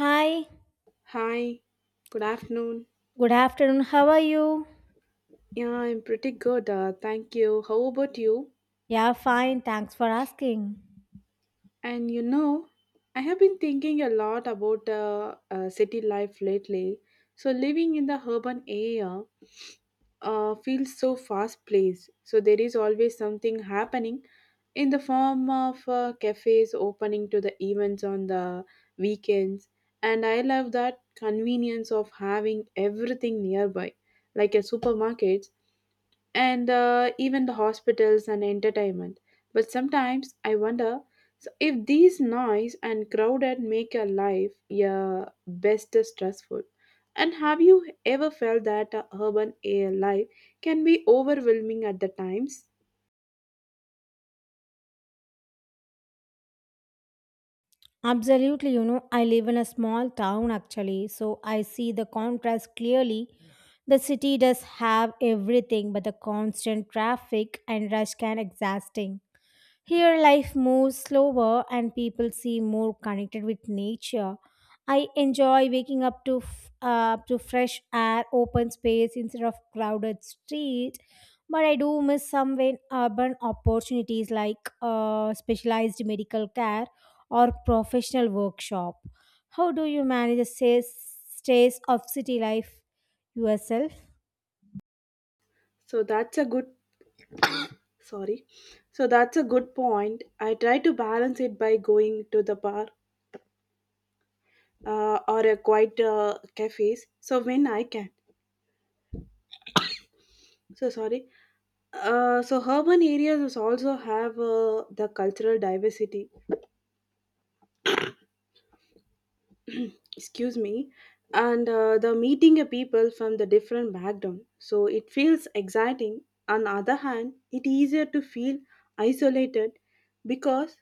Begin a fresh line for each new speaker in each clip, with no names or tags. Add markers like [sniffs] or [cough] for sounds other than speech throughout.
Hi,
Hi, good afternoon.
good afternoon. How are you?
Yeah, I'm pretty good. Thank you. How about you?
Yeah, fine. Thanks for asking.
And you know, I have been thinking a lot about city life lately. So, living in the urban area feels so fast paced. So, there is always something happening in the form of cafes opening to the events on the weekends. And I love that convenience of having everything nearby, like a supermarket and even the hospitals and entertainment. But sometimes I wonder so if these noise and crowded make your life your best stressful. And have you ever felt that urban air life can be overwhelming at the times?
Absolutely. You know, I live in a small town actually, so I see the contrast clearly. The city does have everything, but the constant traffic and rush can exhausting. Here, life moves slower and people seem more connected with nature. I enjoy waking up to up to fresh air, open space instead of crowded street. But I do miss some when urban opportunities like specialized medical care or professional workshop. How do you manage the stress of city life yourself?
So that's a good sorry. So that's a good point. I try to balance it by going to the bar or a quiet cafes. So when I can. So sorry so urban areas is also have the cultural diversity [clears throat] excuse me and the meeting a people from the different background, so it feels exciting. On the other hand, it easier to feel isolated, because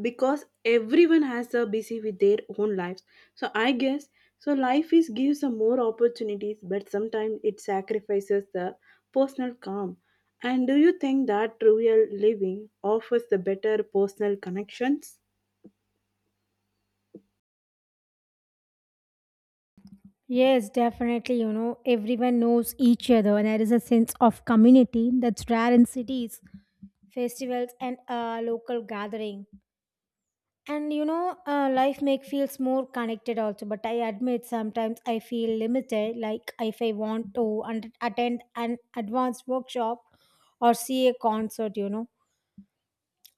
because everyone has a busy with their own lives. So I guess so life is gives some more opportunities, but sometimes it sacrifices the personal calm. And do you think that real living offers the better personal connections?
Yes, definitely. You know, everyone knows each other, and there is a sense of community that's rare in cities, festivals, and local gathering. And life makes feels more connected also. But I admit sometimes I feel limited. Like if I want to attend an advanced workshop or see a concert, you know,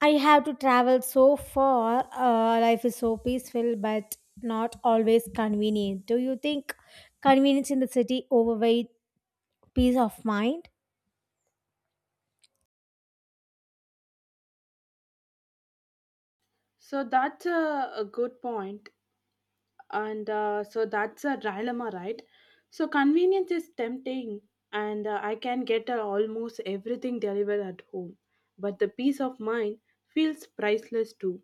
I have to travel so far. Life is so peaceful, but not always convenient. Do you think convenience in the city overweight peace of mind?
So that's a good point. And so that's a dilemma, right? So convenience is tempting, and I can get almost everything delivered at home, but the peace of mind feels priceless too.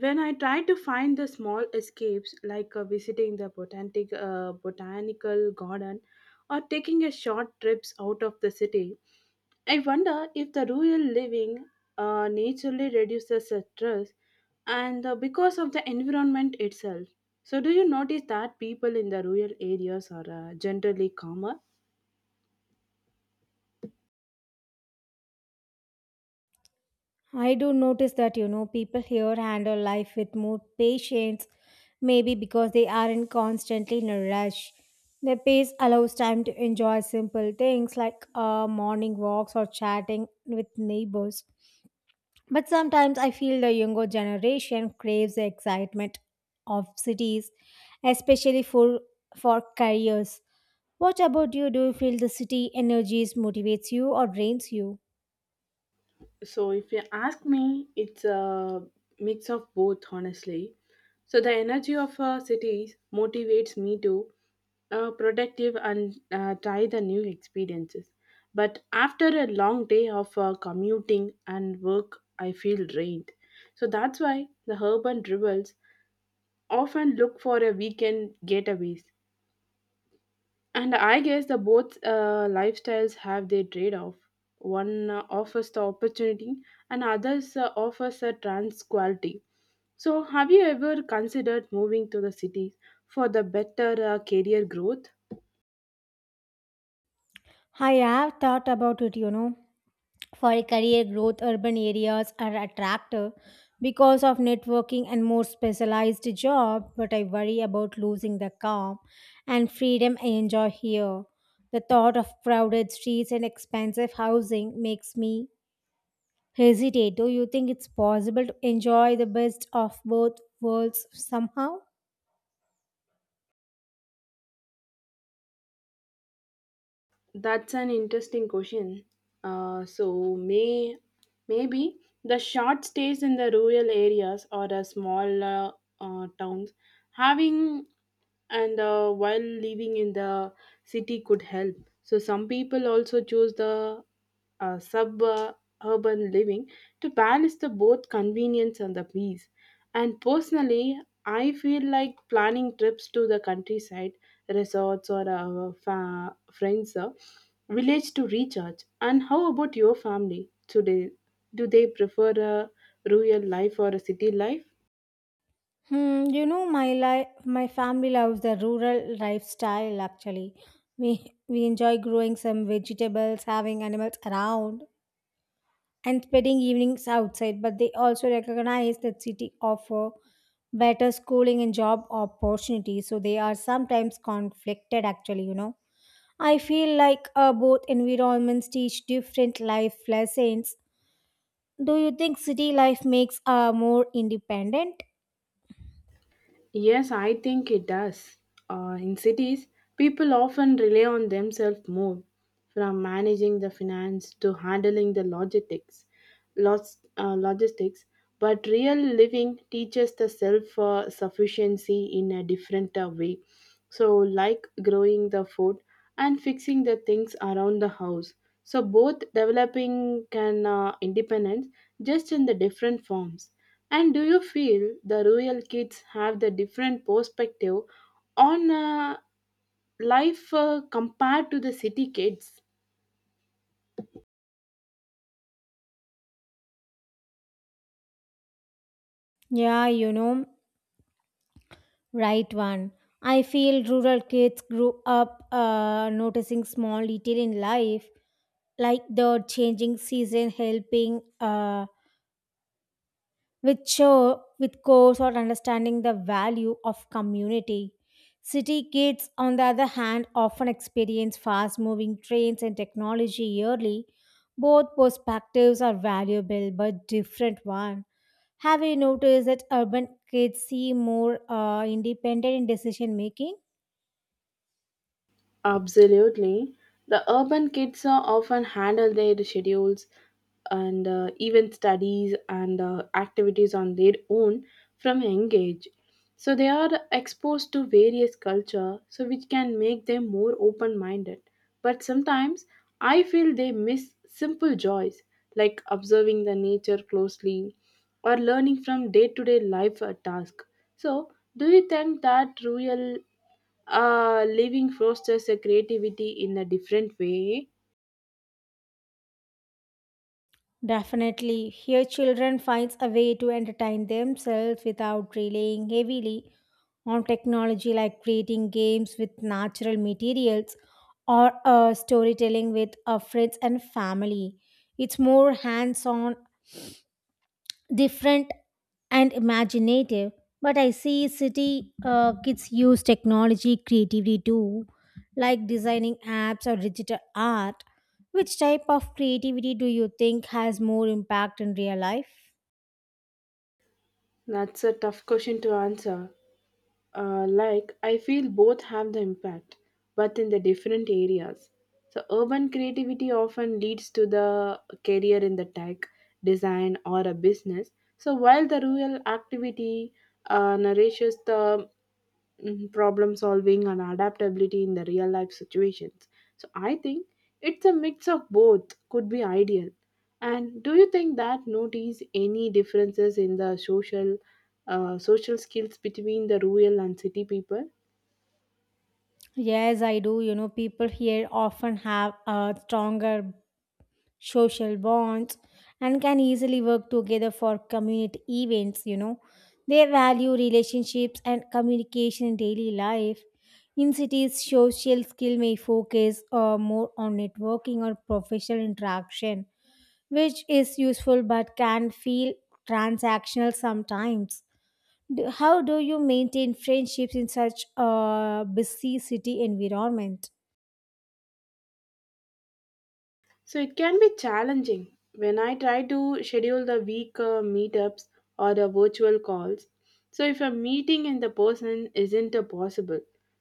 When I try to find the small escapes, like visiting the botanical garden or taking a short trips out of the city, I wonder if the rural living naturally reduces the stress, and because of the environment itself. So, do you notice that people in the rural areas are generally calmer?
I do notice that, you know, people here handle life with more patience, maybe because they aren't constantly in a rush. Their pace allows time to enjoy simple things like morning walks or chatting with neighbors. But sometimes I feel the younger generation craves the excitement of cities, especially for careers. What about you? Do you feel the city energies motivates you or drains you?
So, if you ask me, it's a mix of both, honestly. So the energy of cities motivates me to productive and try the new experiences. But after a long day of commuting and work, I feel drained. So that's why the urban rebels often look for a weekend getaways. And I guess the both lifestyles have their trade-off. One offers the opportunity, and others offers a trans quality. So, have you ever considered moving to the cities for the better career growth?
I have thought about it, you know. For a career growth, urban areas are attractive because of networking and more specialized job, but I worry about losing the calm and freedom I enjoy here. The thought of crowded streets and expensive housing makes me hesitate. Do you think it's possible to enjoy the best of both worlds somehow?
That's an interesting question. Uh, so may Maybe the short stays in the rural areas or the small towns having, and while living in the city could help. So some people also choose the suburban living to balance the both convenience and the peace. And personally, I feel like planning trips to the countryside, resorts, or village to recharge. And how about your family today? Do they prefer a rural life or a city life?
Hmm, you know my family loves the rural lifestyle actually. We we enjoy growing some vegetables, having animals around and spending evenings outside, but they also recognize that city offer better schooling and job opportunities, so they are sometimes conflicted actually, you know. I feel like both environments teach different life lessons. Do you think city life makes more independent?
Yes, I think it does. In cities, people often rely on themselves more, from managing the finance to handling the logistics. Logistics, but real living teaches the self sufficiency in a different way. So, like growing the food and fixing the things around the house. So, both developing can independence, just in the different forms. And do you feel the rural kids have the different perspective on life compared to the city kids?
Yeah, you know. Right one. I feel rural kids grew up noticing small detail in life, like the changing season helping with show with course or understanding the value of community. City kids, on the other hand, often experience fast-moving trends and technology yearly. Both perspectives are valuable but different one. Have you noticed that urban kids seem more independent in decision making?
Absolutely. The urban kids are often handle their schedules and even studies and activities on their own from young age. So they are exposed to various culture, so which can make them more open-minded. But sometimes I feel they miss simple joys, like observing the nature closely or learning from day-to-day life task. So do you think that real living fosters a creativity in a different way?
Definitely, here children finds a way to entertain themselves without relying heavily on technology like creating games with natural materials or storytelling with friends and family. It's more hands-on, different, and imaginative, but I see city kids use technology creatively too, like designing apps or digital art. Which type of creativity do you think has more impact in real life?
That's a tough question to answer. I feel both have the impact, but in the different areas. So, urban creativity often leads to the career in the tech, design, or a business. So, while the rural activity nourishes the problem solving and adaptability in the real life situations. So I think it's a mix of both could be ideal. And do you think that notice any differences in the social social skills between the rural and city people?
Yes, I do. You know, people here often have a stronger social bonds, and can easily work together for community events, you know. They value relationships and communication in daily life. In cities, social skill may focus more on networking or professional interaction, which is useful but can feel transactional sometimes. How do you maintain friendships in such a busy city environment?
So it can be challenging. When I try to schedule the week meetups or the virtual calls, so if a meeting and the person isn't possible,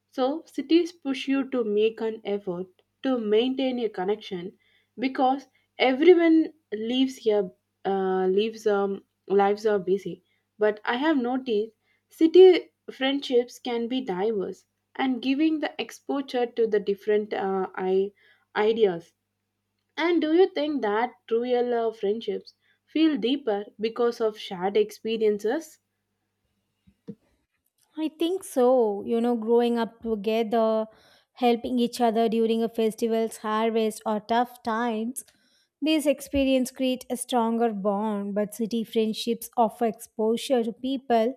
so cities push you to make an effort to maintain a connection because everyone leaves here, leaves lives are busy. But I have noticed city friendships can be diverse and giving the exposure to the different ideas. And do you think that true real friendships feel deeper because of shared experiences?
I think so. You know, growing up together, helping each other during a festival's harvest or tough times, these experiences create a stronger bond. But city friendships offer exposure to people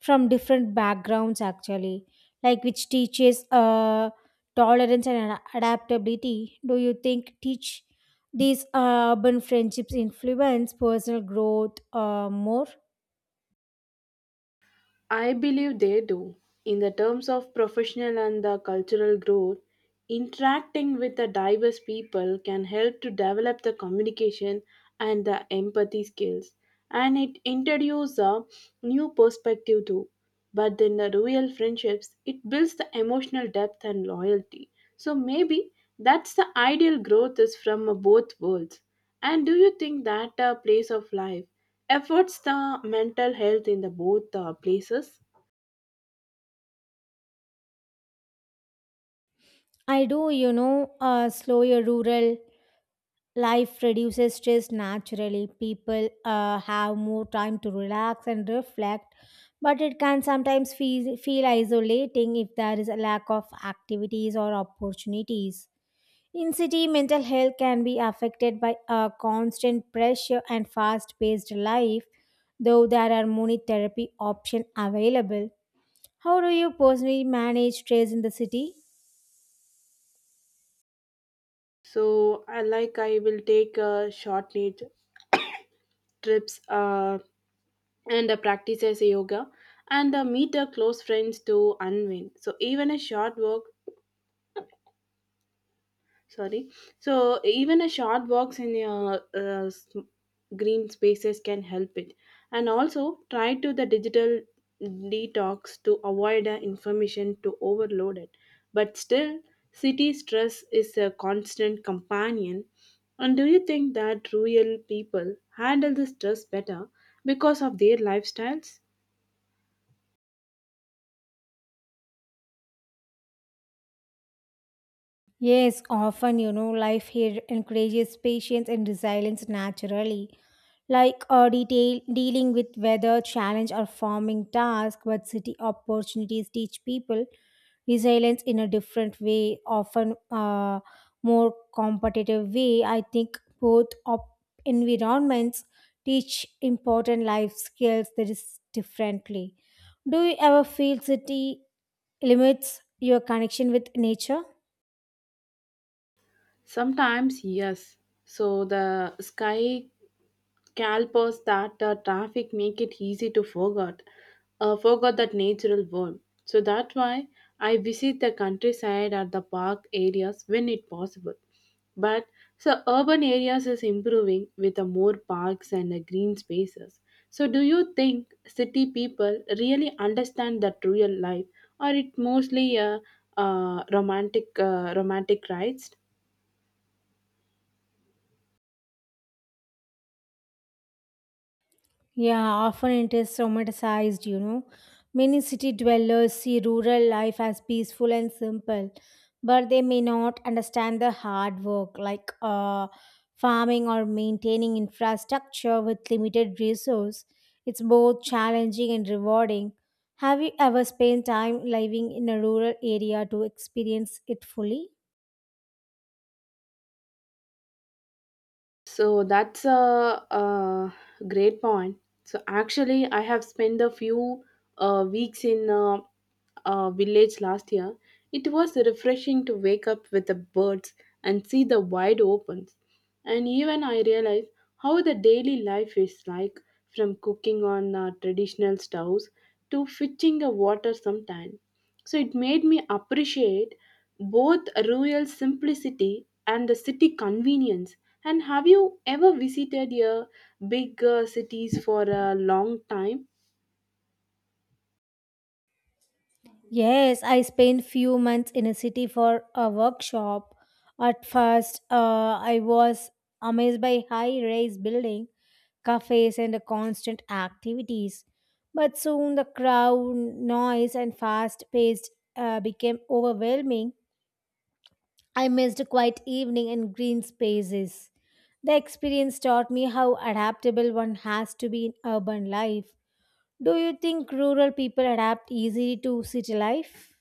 from different backgrounds, actually, like which teaches tolerance and adaptability. Do you think teach these urban friendships influence personal growth more?
I believe they do. In the terms of professional and the cultural growth, interacting with the diverse people can help to develop the communication and the empathy skills, and it introduces a new perspective too. But in the real friendships, it builds the emotional depth and loyalty. So maybe that's the ideal growth is from both worlds. And do you think that a place of life efforts the mental health in the both places?
I do, you know. Uh, slow your rural life reduces stress naturally. People have more time to relax and reflect, but it can sometimes feel isolating if there is a lack of activities or opportunities. In city, mental health can be affected by a constant pressure and fast-paced life, though there are many therapy options available. How do you personally manage stress in the city?
So I will take short need trips and practice as a yoga and meet close friends to unwind. So even a short walk sorry so even a short walks in your green spaces can help it. And also try to the digital detox to avoid information to overload it. But still, city stress is a constant companion. And do you think that rural people handle the stress better because of their lifestyles?
Yes, often, you know, life here encourages patience and resilience naturally, like detail, dealing with weather, challenge, or farming task. But city opportunities teach people resilience in a different way, often more competitive way. I think both environments teach important life skills that is differently. Do you ever feel city limits your connection with nature?
Sometimes yes. So the sky Calpers that traffic make it easy to forget that natural world. So that's why I visit the countryside or the park areas when it possible. But so urban areas is improving with the more parks and the green spaces. So do you think city people really understand that real life, or it mostly a romantic rides?
Yeah, often it is romanticized, you know. Many city dwellers see rural life as peaceful and simple, but they may not understand the hard work like farming or maintaining infrastructure with limited resource. It's both challenging and rewarding. Have you ever spent time living in a rural area to experience it fully?
So that's a great point. So actually, I have spent a few weeks in a village last year. It was refreshing to wake up with the birds and see the wide opens. And even I realized how the daily life is like, from cooking on traditional stoves to fetching a water sometime. So it made me appreciate both rural simplicity and the city convenience. And have you ever visited your big cities for a long time?
Yes, I spent few months in a city for a workshop. At first, I was amazed by high-rise building, cafes, and the constant activities. But soon the crowd, noise, and fast-paced became overwhelming. I missed quiet evening and green spaces. The experience taught me how adaptable one has to be in urban life. Do you think rural people adapt easily to city life?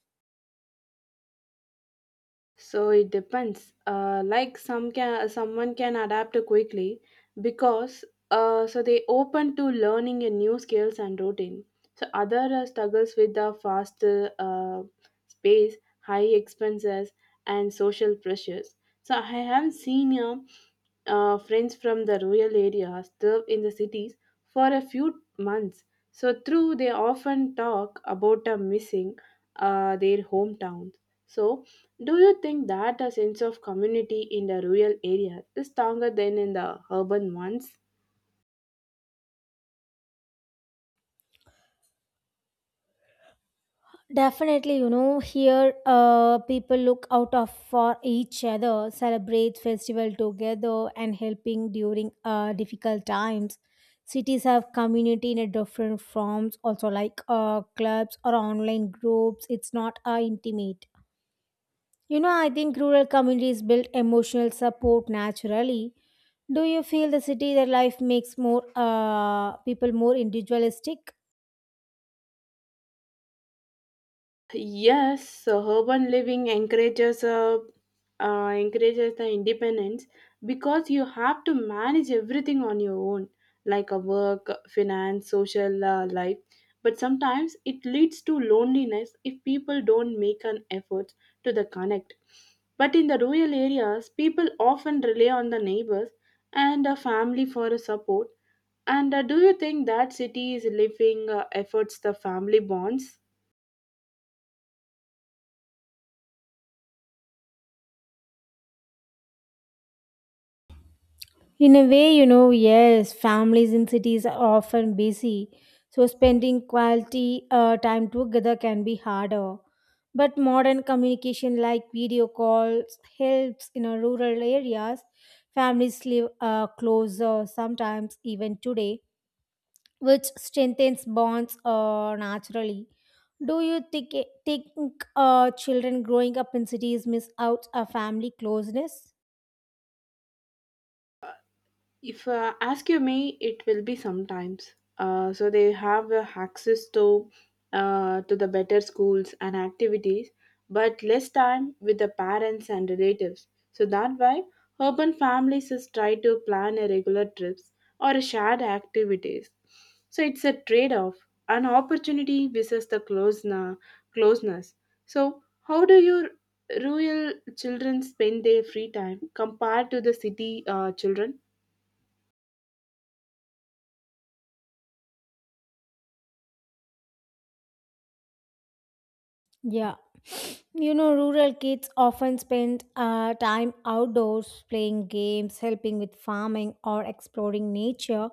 So it depends. Someone can adapt quickly because so they open to learning a new skills and routine. So other struggles with the fast space, high expenses, and social pressures. So I have seen friends from the rural areas live in the cities for a few months. So through they often talk about a missing their hometown. So, do you think that a sense of community in the rural area is stronger than in the urban ones?
Definitely, you know, here people look out of for each other, celebrate festival together, and helping during difficult times. Cities have community in a different forms, also like clubs or online groups. It's not intimate. You know, I think rural communities build emotional support naturally. Do you feel the city that life makes more people more individualistic?
Yes, so urban living encourages the independence because you have to manage everything on your own, like a work, finance, social life. But sometimes it leads to loneliness if people don't make an effort to the connect. But in the rural areas, people often rely on the neighbors and a family for a support. And do you think that cities living efforts the family bonds?
In a way, you know, yes, families in cities are often busy, so spending quality time together can be harder. But modern communication like video calls helps in our rural areas. Families live closer sometimes even today, which strengthens bonds naturally. Do you think children growing up in cities miss out a family closeness?
If ask you me, it will be sometimes. So they have access to the better schools and activities, but less time with the parents and relatives. So that why urban families is try to plan a regular trips or a shared activities. So it's a trade-off, an opportunity versus the closeness. Closeness. So how do your rural children spend their free time compared to the city children?
Yeah. [sniffs] You know, rural kids often spend time outdoors playing games, helping with farming, or exploring nature.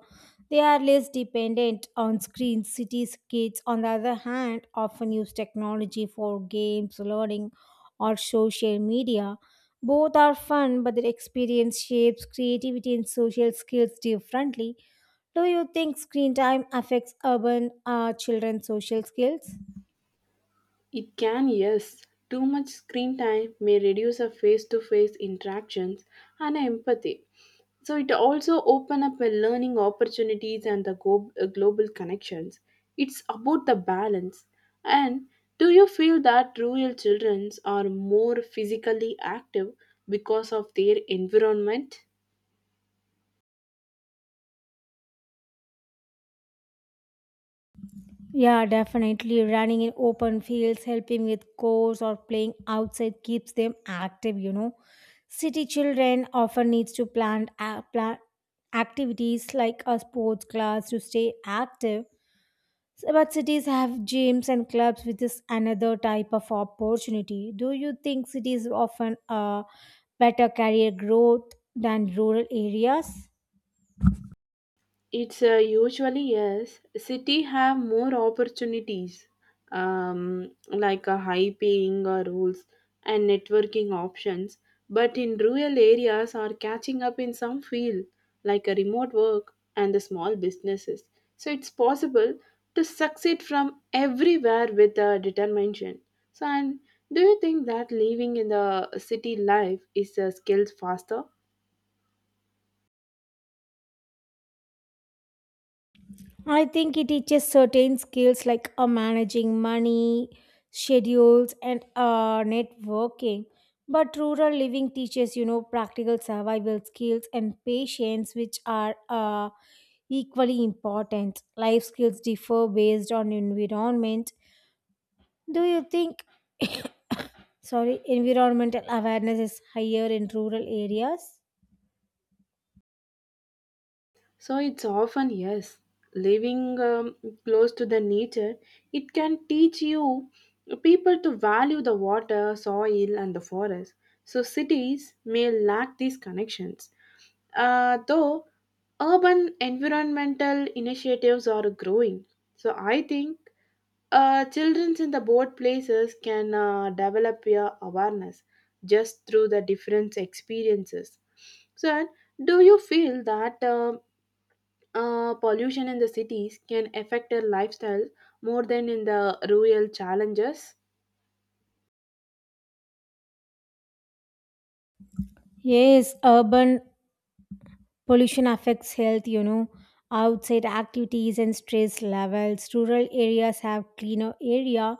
They are less dependent on screens. Cities kids, on the other hand, often use technology for games, learning, or social media. Both are fun, but their experience shapes creativity and social skills differently. Do you think screen time affects urban children's social skills?
It can, yes. Too much screen time may reduce our face to face interactions and empathy. So it also open up a learning opportunities and the global connections. It's about the balance. And do you feel that rural children are more physically active because of their environment?
Yeah, definitely. Running in open fields, helping with chores, or playing outside keeps them active, you know. City children often needs to plan activities like a sports class to stay active. So, but cities have gyms and clubs which is another type of opportunity. Do you think cities often better career growth than rural areas?
It's usually yes. City have more opportunities, like a high paying rules and networking options. But in rural areas are catching up in some field, like a remote work and the small businesses. So it's possible to succeed from everywhere with determination. So and do you think that living in the city life is a skill faster?
I think it teaches certain skills like managing money, schedules, and networking. But rural living teaches, you know, practical survival skills and patience, which are equally important. Life skills differ based on environment. Do you think, sorry, environmental awareness is higher in rural areas?
So it's often yes, living close to the nature, it can teach you people to value the water, soil, and the forest. So cities may lack these connections, though urban environmental initiatives are growing. So I think children in the both places can develop your awareness just through the different experiences. So, do you feel that pollution in the cities can affect their lifestyle more than in the rural challenges?
Yes, urban pollution affects health, you know, outside activities and stress levels. Rural areas have cleaner area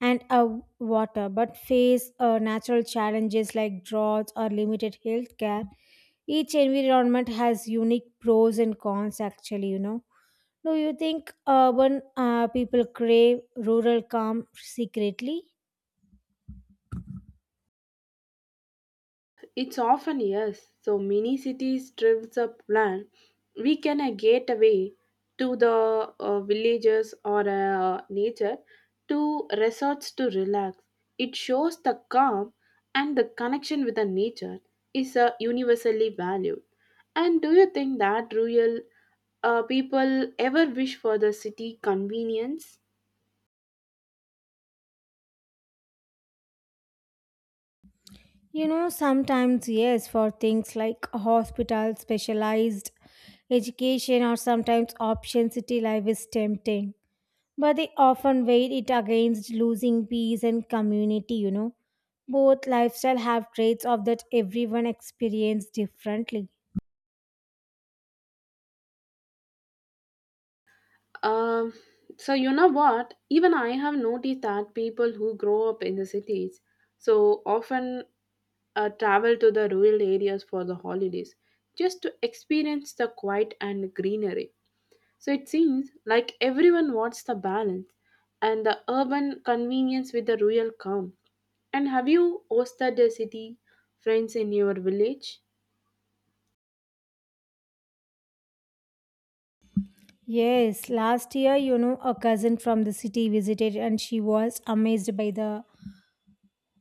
and water, but face natural challenges like droughts or limited health care. Each environment has unique pros and cons, actually, you know. Do you think urban people crave rural calm secretly?
It's often yes. So many cities drives up plan. We can get away to the villages or nature to resorts to relax. It shows the calm and the connection with the nature is universally valued. And do you think that rural people ever wish for the city convenience?
You know, sometimes, yes, for things like hospital, specialized education, or sometimes option city life is tempting. But they often weigh it against losing peace and community, you know. Both lifestyle have traits of that everyone experience differently.
Um, so you know what? Even I have noticed that people who grow up in the cities so often travel to the rural areas for the holidays just to experience the quiet and greenery. So it seems like everyone wants the balance and the urban convenience with the rural calm. And have you hosted a city friends in your village?
Yes, last year, you know, a cousin from the city visited and she was amazed by the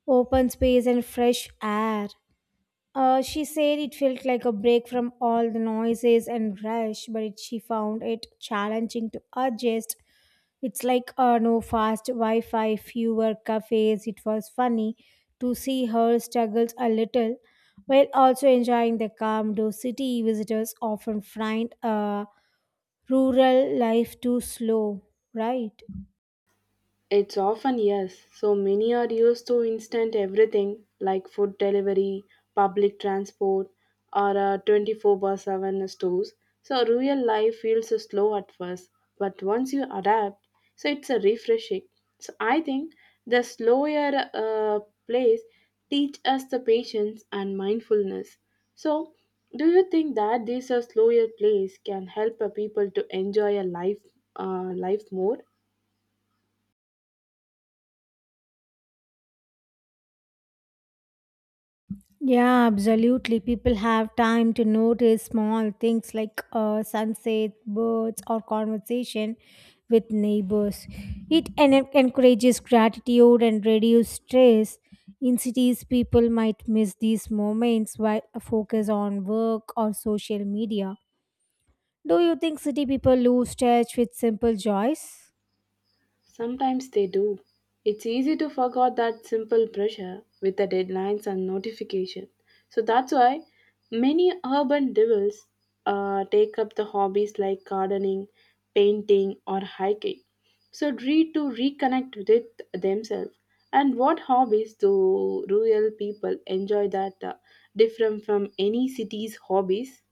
open space and fresh air. She said it felt like a break from all the noises and rush, but she found it challenging to adjust. It's like no fast Wi Fi, fewer cafes. It was funny to see her struggles a little while also enjoying the calm, though city visitors often find rural life too slow, right?
It's often yes. So many are used to instant everything like food delivery, public transport, or 24 by 7 stores. So real life feels slow at first, but once you adapt, so it's a refreshing. So I think the slower place teach us the patience and mindfulness. So do you think that this slower place can help people to enjoy a life more?
Yeah, absolutely. People have time to notice small things like sunset, birds, or conversation with neighbors. It encourages gratitude and reduces stress. In cities, people might miss these moments while focus on work or social media. Do you think city people lose touch with simple joys?
Sometimes they do. It's easy to forget that simple pressure with the deadlines and notification. So that's why many urban devils take up the hobbies like gardening, painting, or hiking. So read to reconnect with themselves. And what hobbies do rural people enjoy that different from any city's hobbies?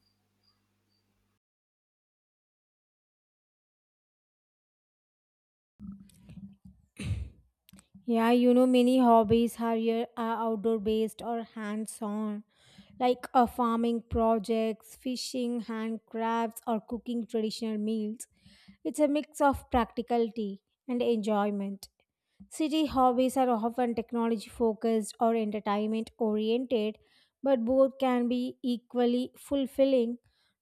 Yeah, you know, many hobbies are, are outdoor based or hands on, like farming projects, fishing, handcrafts, or cooking traditional meals. It's a mix of practicality and enjoyment. City hobbies are often technology focused or entertainment oriented, but both can be equally fulfilling.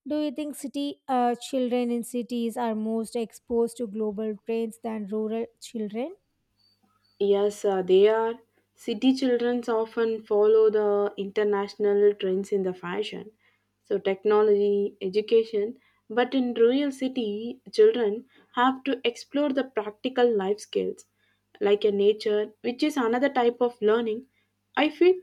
Do you think city children in cities are most exposed to global trends than rural children?
Yes, they are. City children often follow the international trends in the fashion, so technology, education. But in rural city, children have to explore the practical life skills, like a nature, which is another type of learning. I feel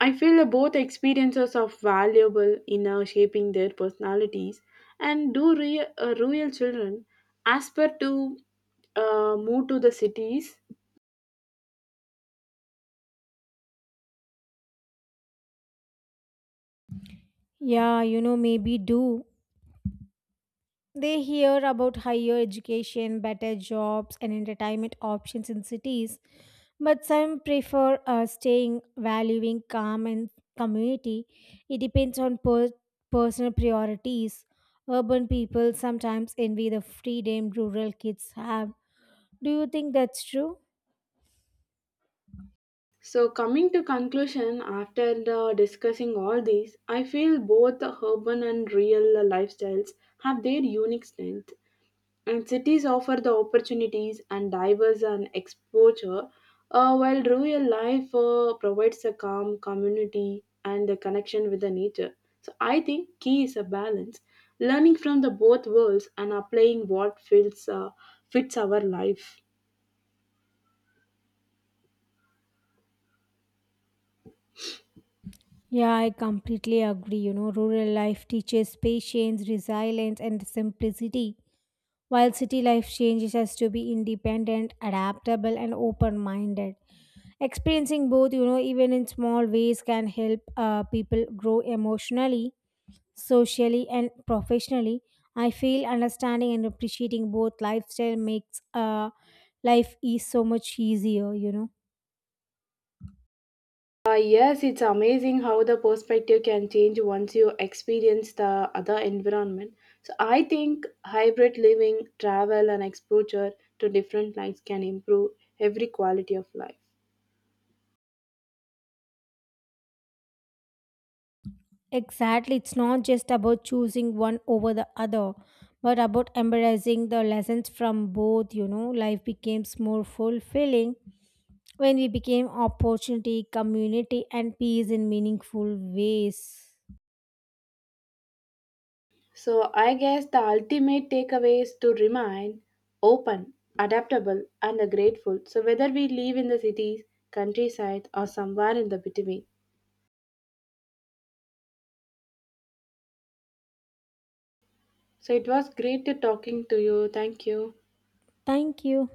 I feel that both experiences are valuable in shaping their personalities. And do rural children aspire to move to the cities?
Yeah, you know, maybe do. They hear about higher education, better jobs, and entertainment options in cities, but some prefer staying, valuing calm and community. It depends on personal priorities. Urban people sometimes envy the freedom rural kids have. Do you think that's true?
So, coming to conclusion, after the discussing all these, I feel both the urban and real lifestyles have their unique strength, and cities offer the opportunities and diverse and exposure, while rural life provides a calm community and the connection with the nature. So, I think key is a balance, learning from the both worlds and applying what feels fits our life.
Yeah, I completely agree. You know, rural life teaches patience, resilience, and simplicity, while city life changes us to be independent, adaptable, and open minded. Experiencing both, you know, even in small ways, can help people grow emotionally, socially, and professionally. I feel understanding and appreciating both lifestyle makes life is so much easier, you know.
Yes, it's amazing how the perspective can change once you experience the other environment. So I think hybrid living, travel, and exposure to different lives can improve every quality of life.
Exactly, it's not just about choosing one over the other, but about embracing the lessons from both, you know. Life becomes more fulfilling when we became opportunity, community, and peace in meaningful ways.
So I guess the ultimate takeaway is to remain open, adaptable, and grateful. So whether we live in the cities, countryside, or somewhere in the between. So it was great to talking to you. Thank you.
Thank you.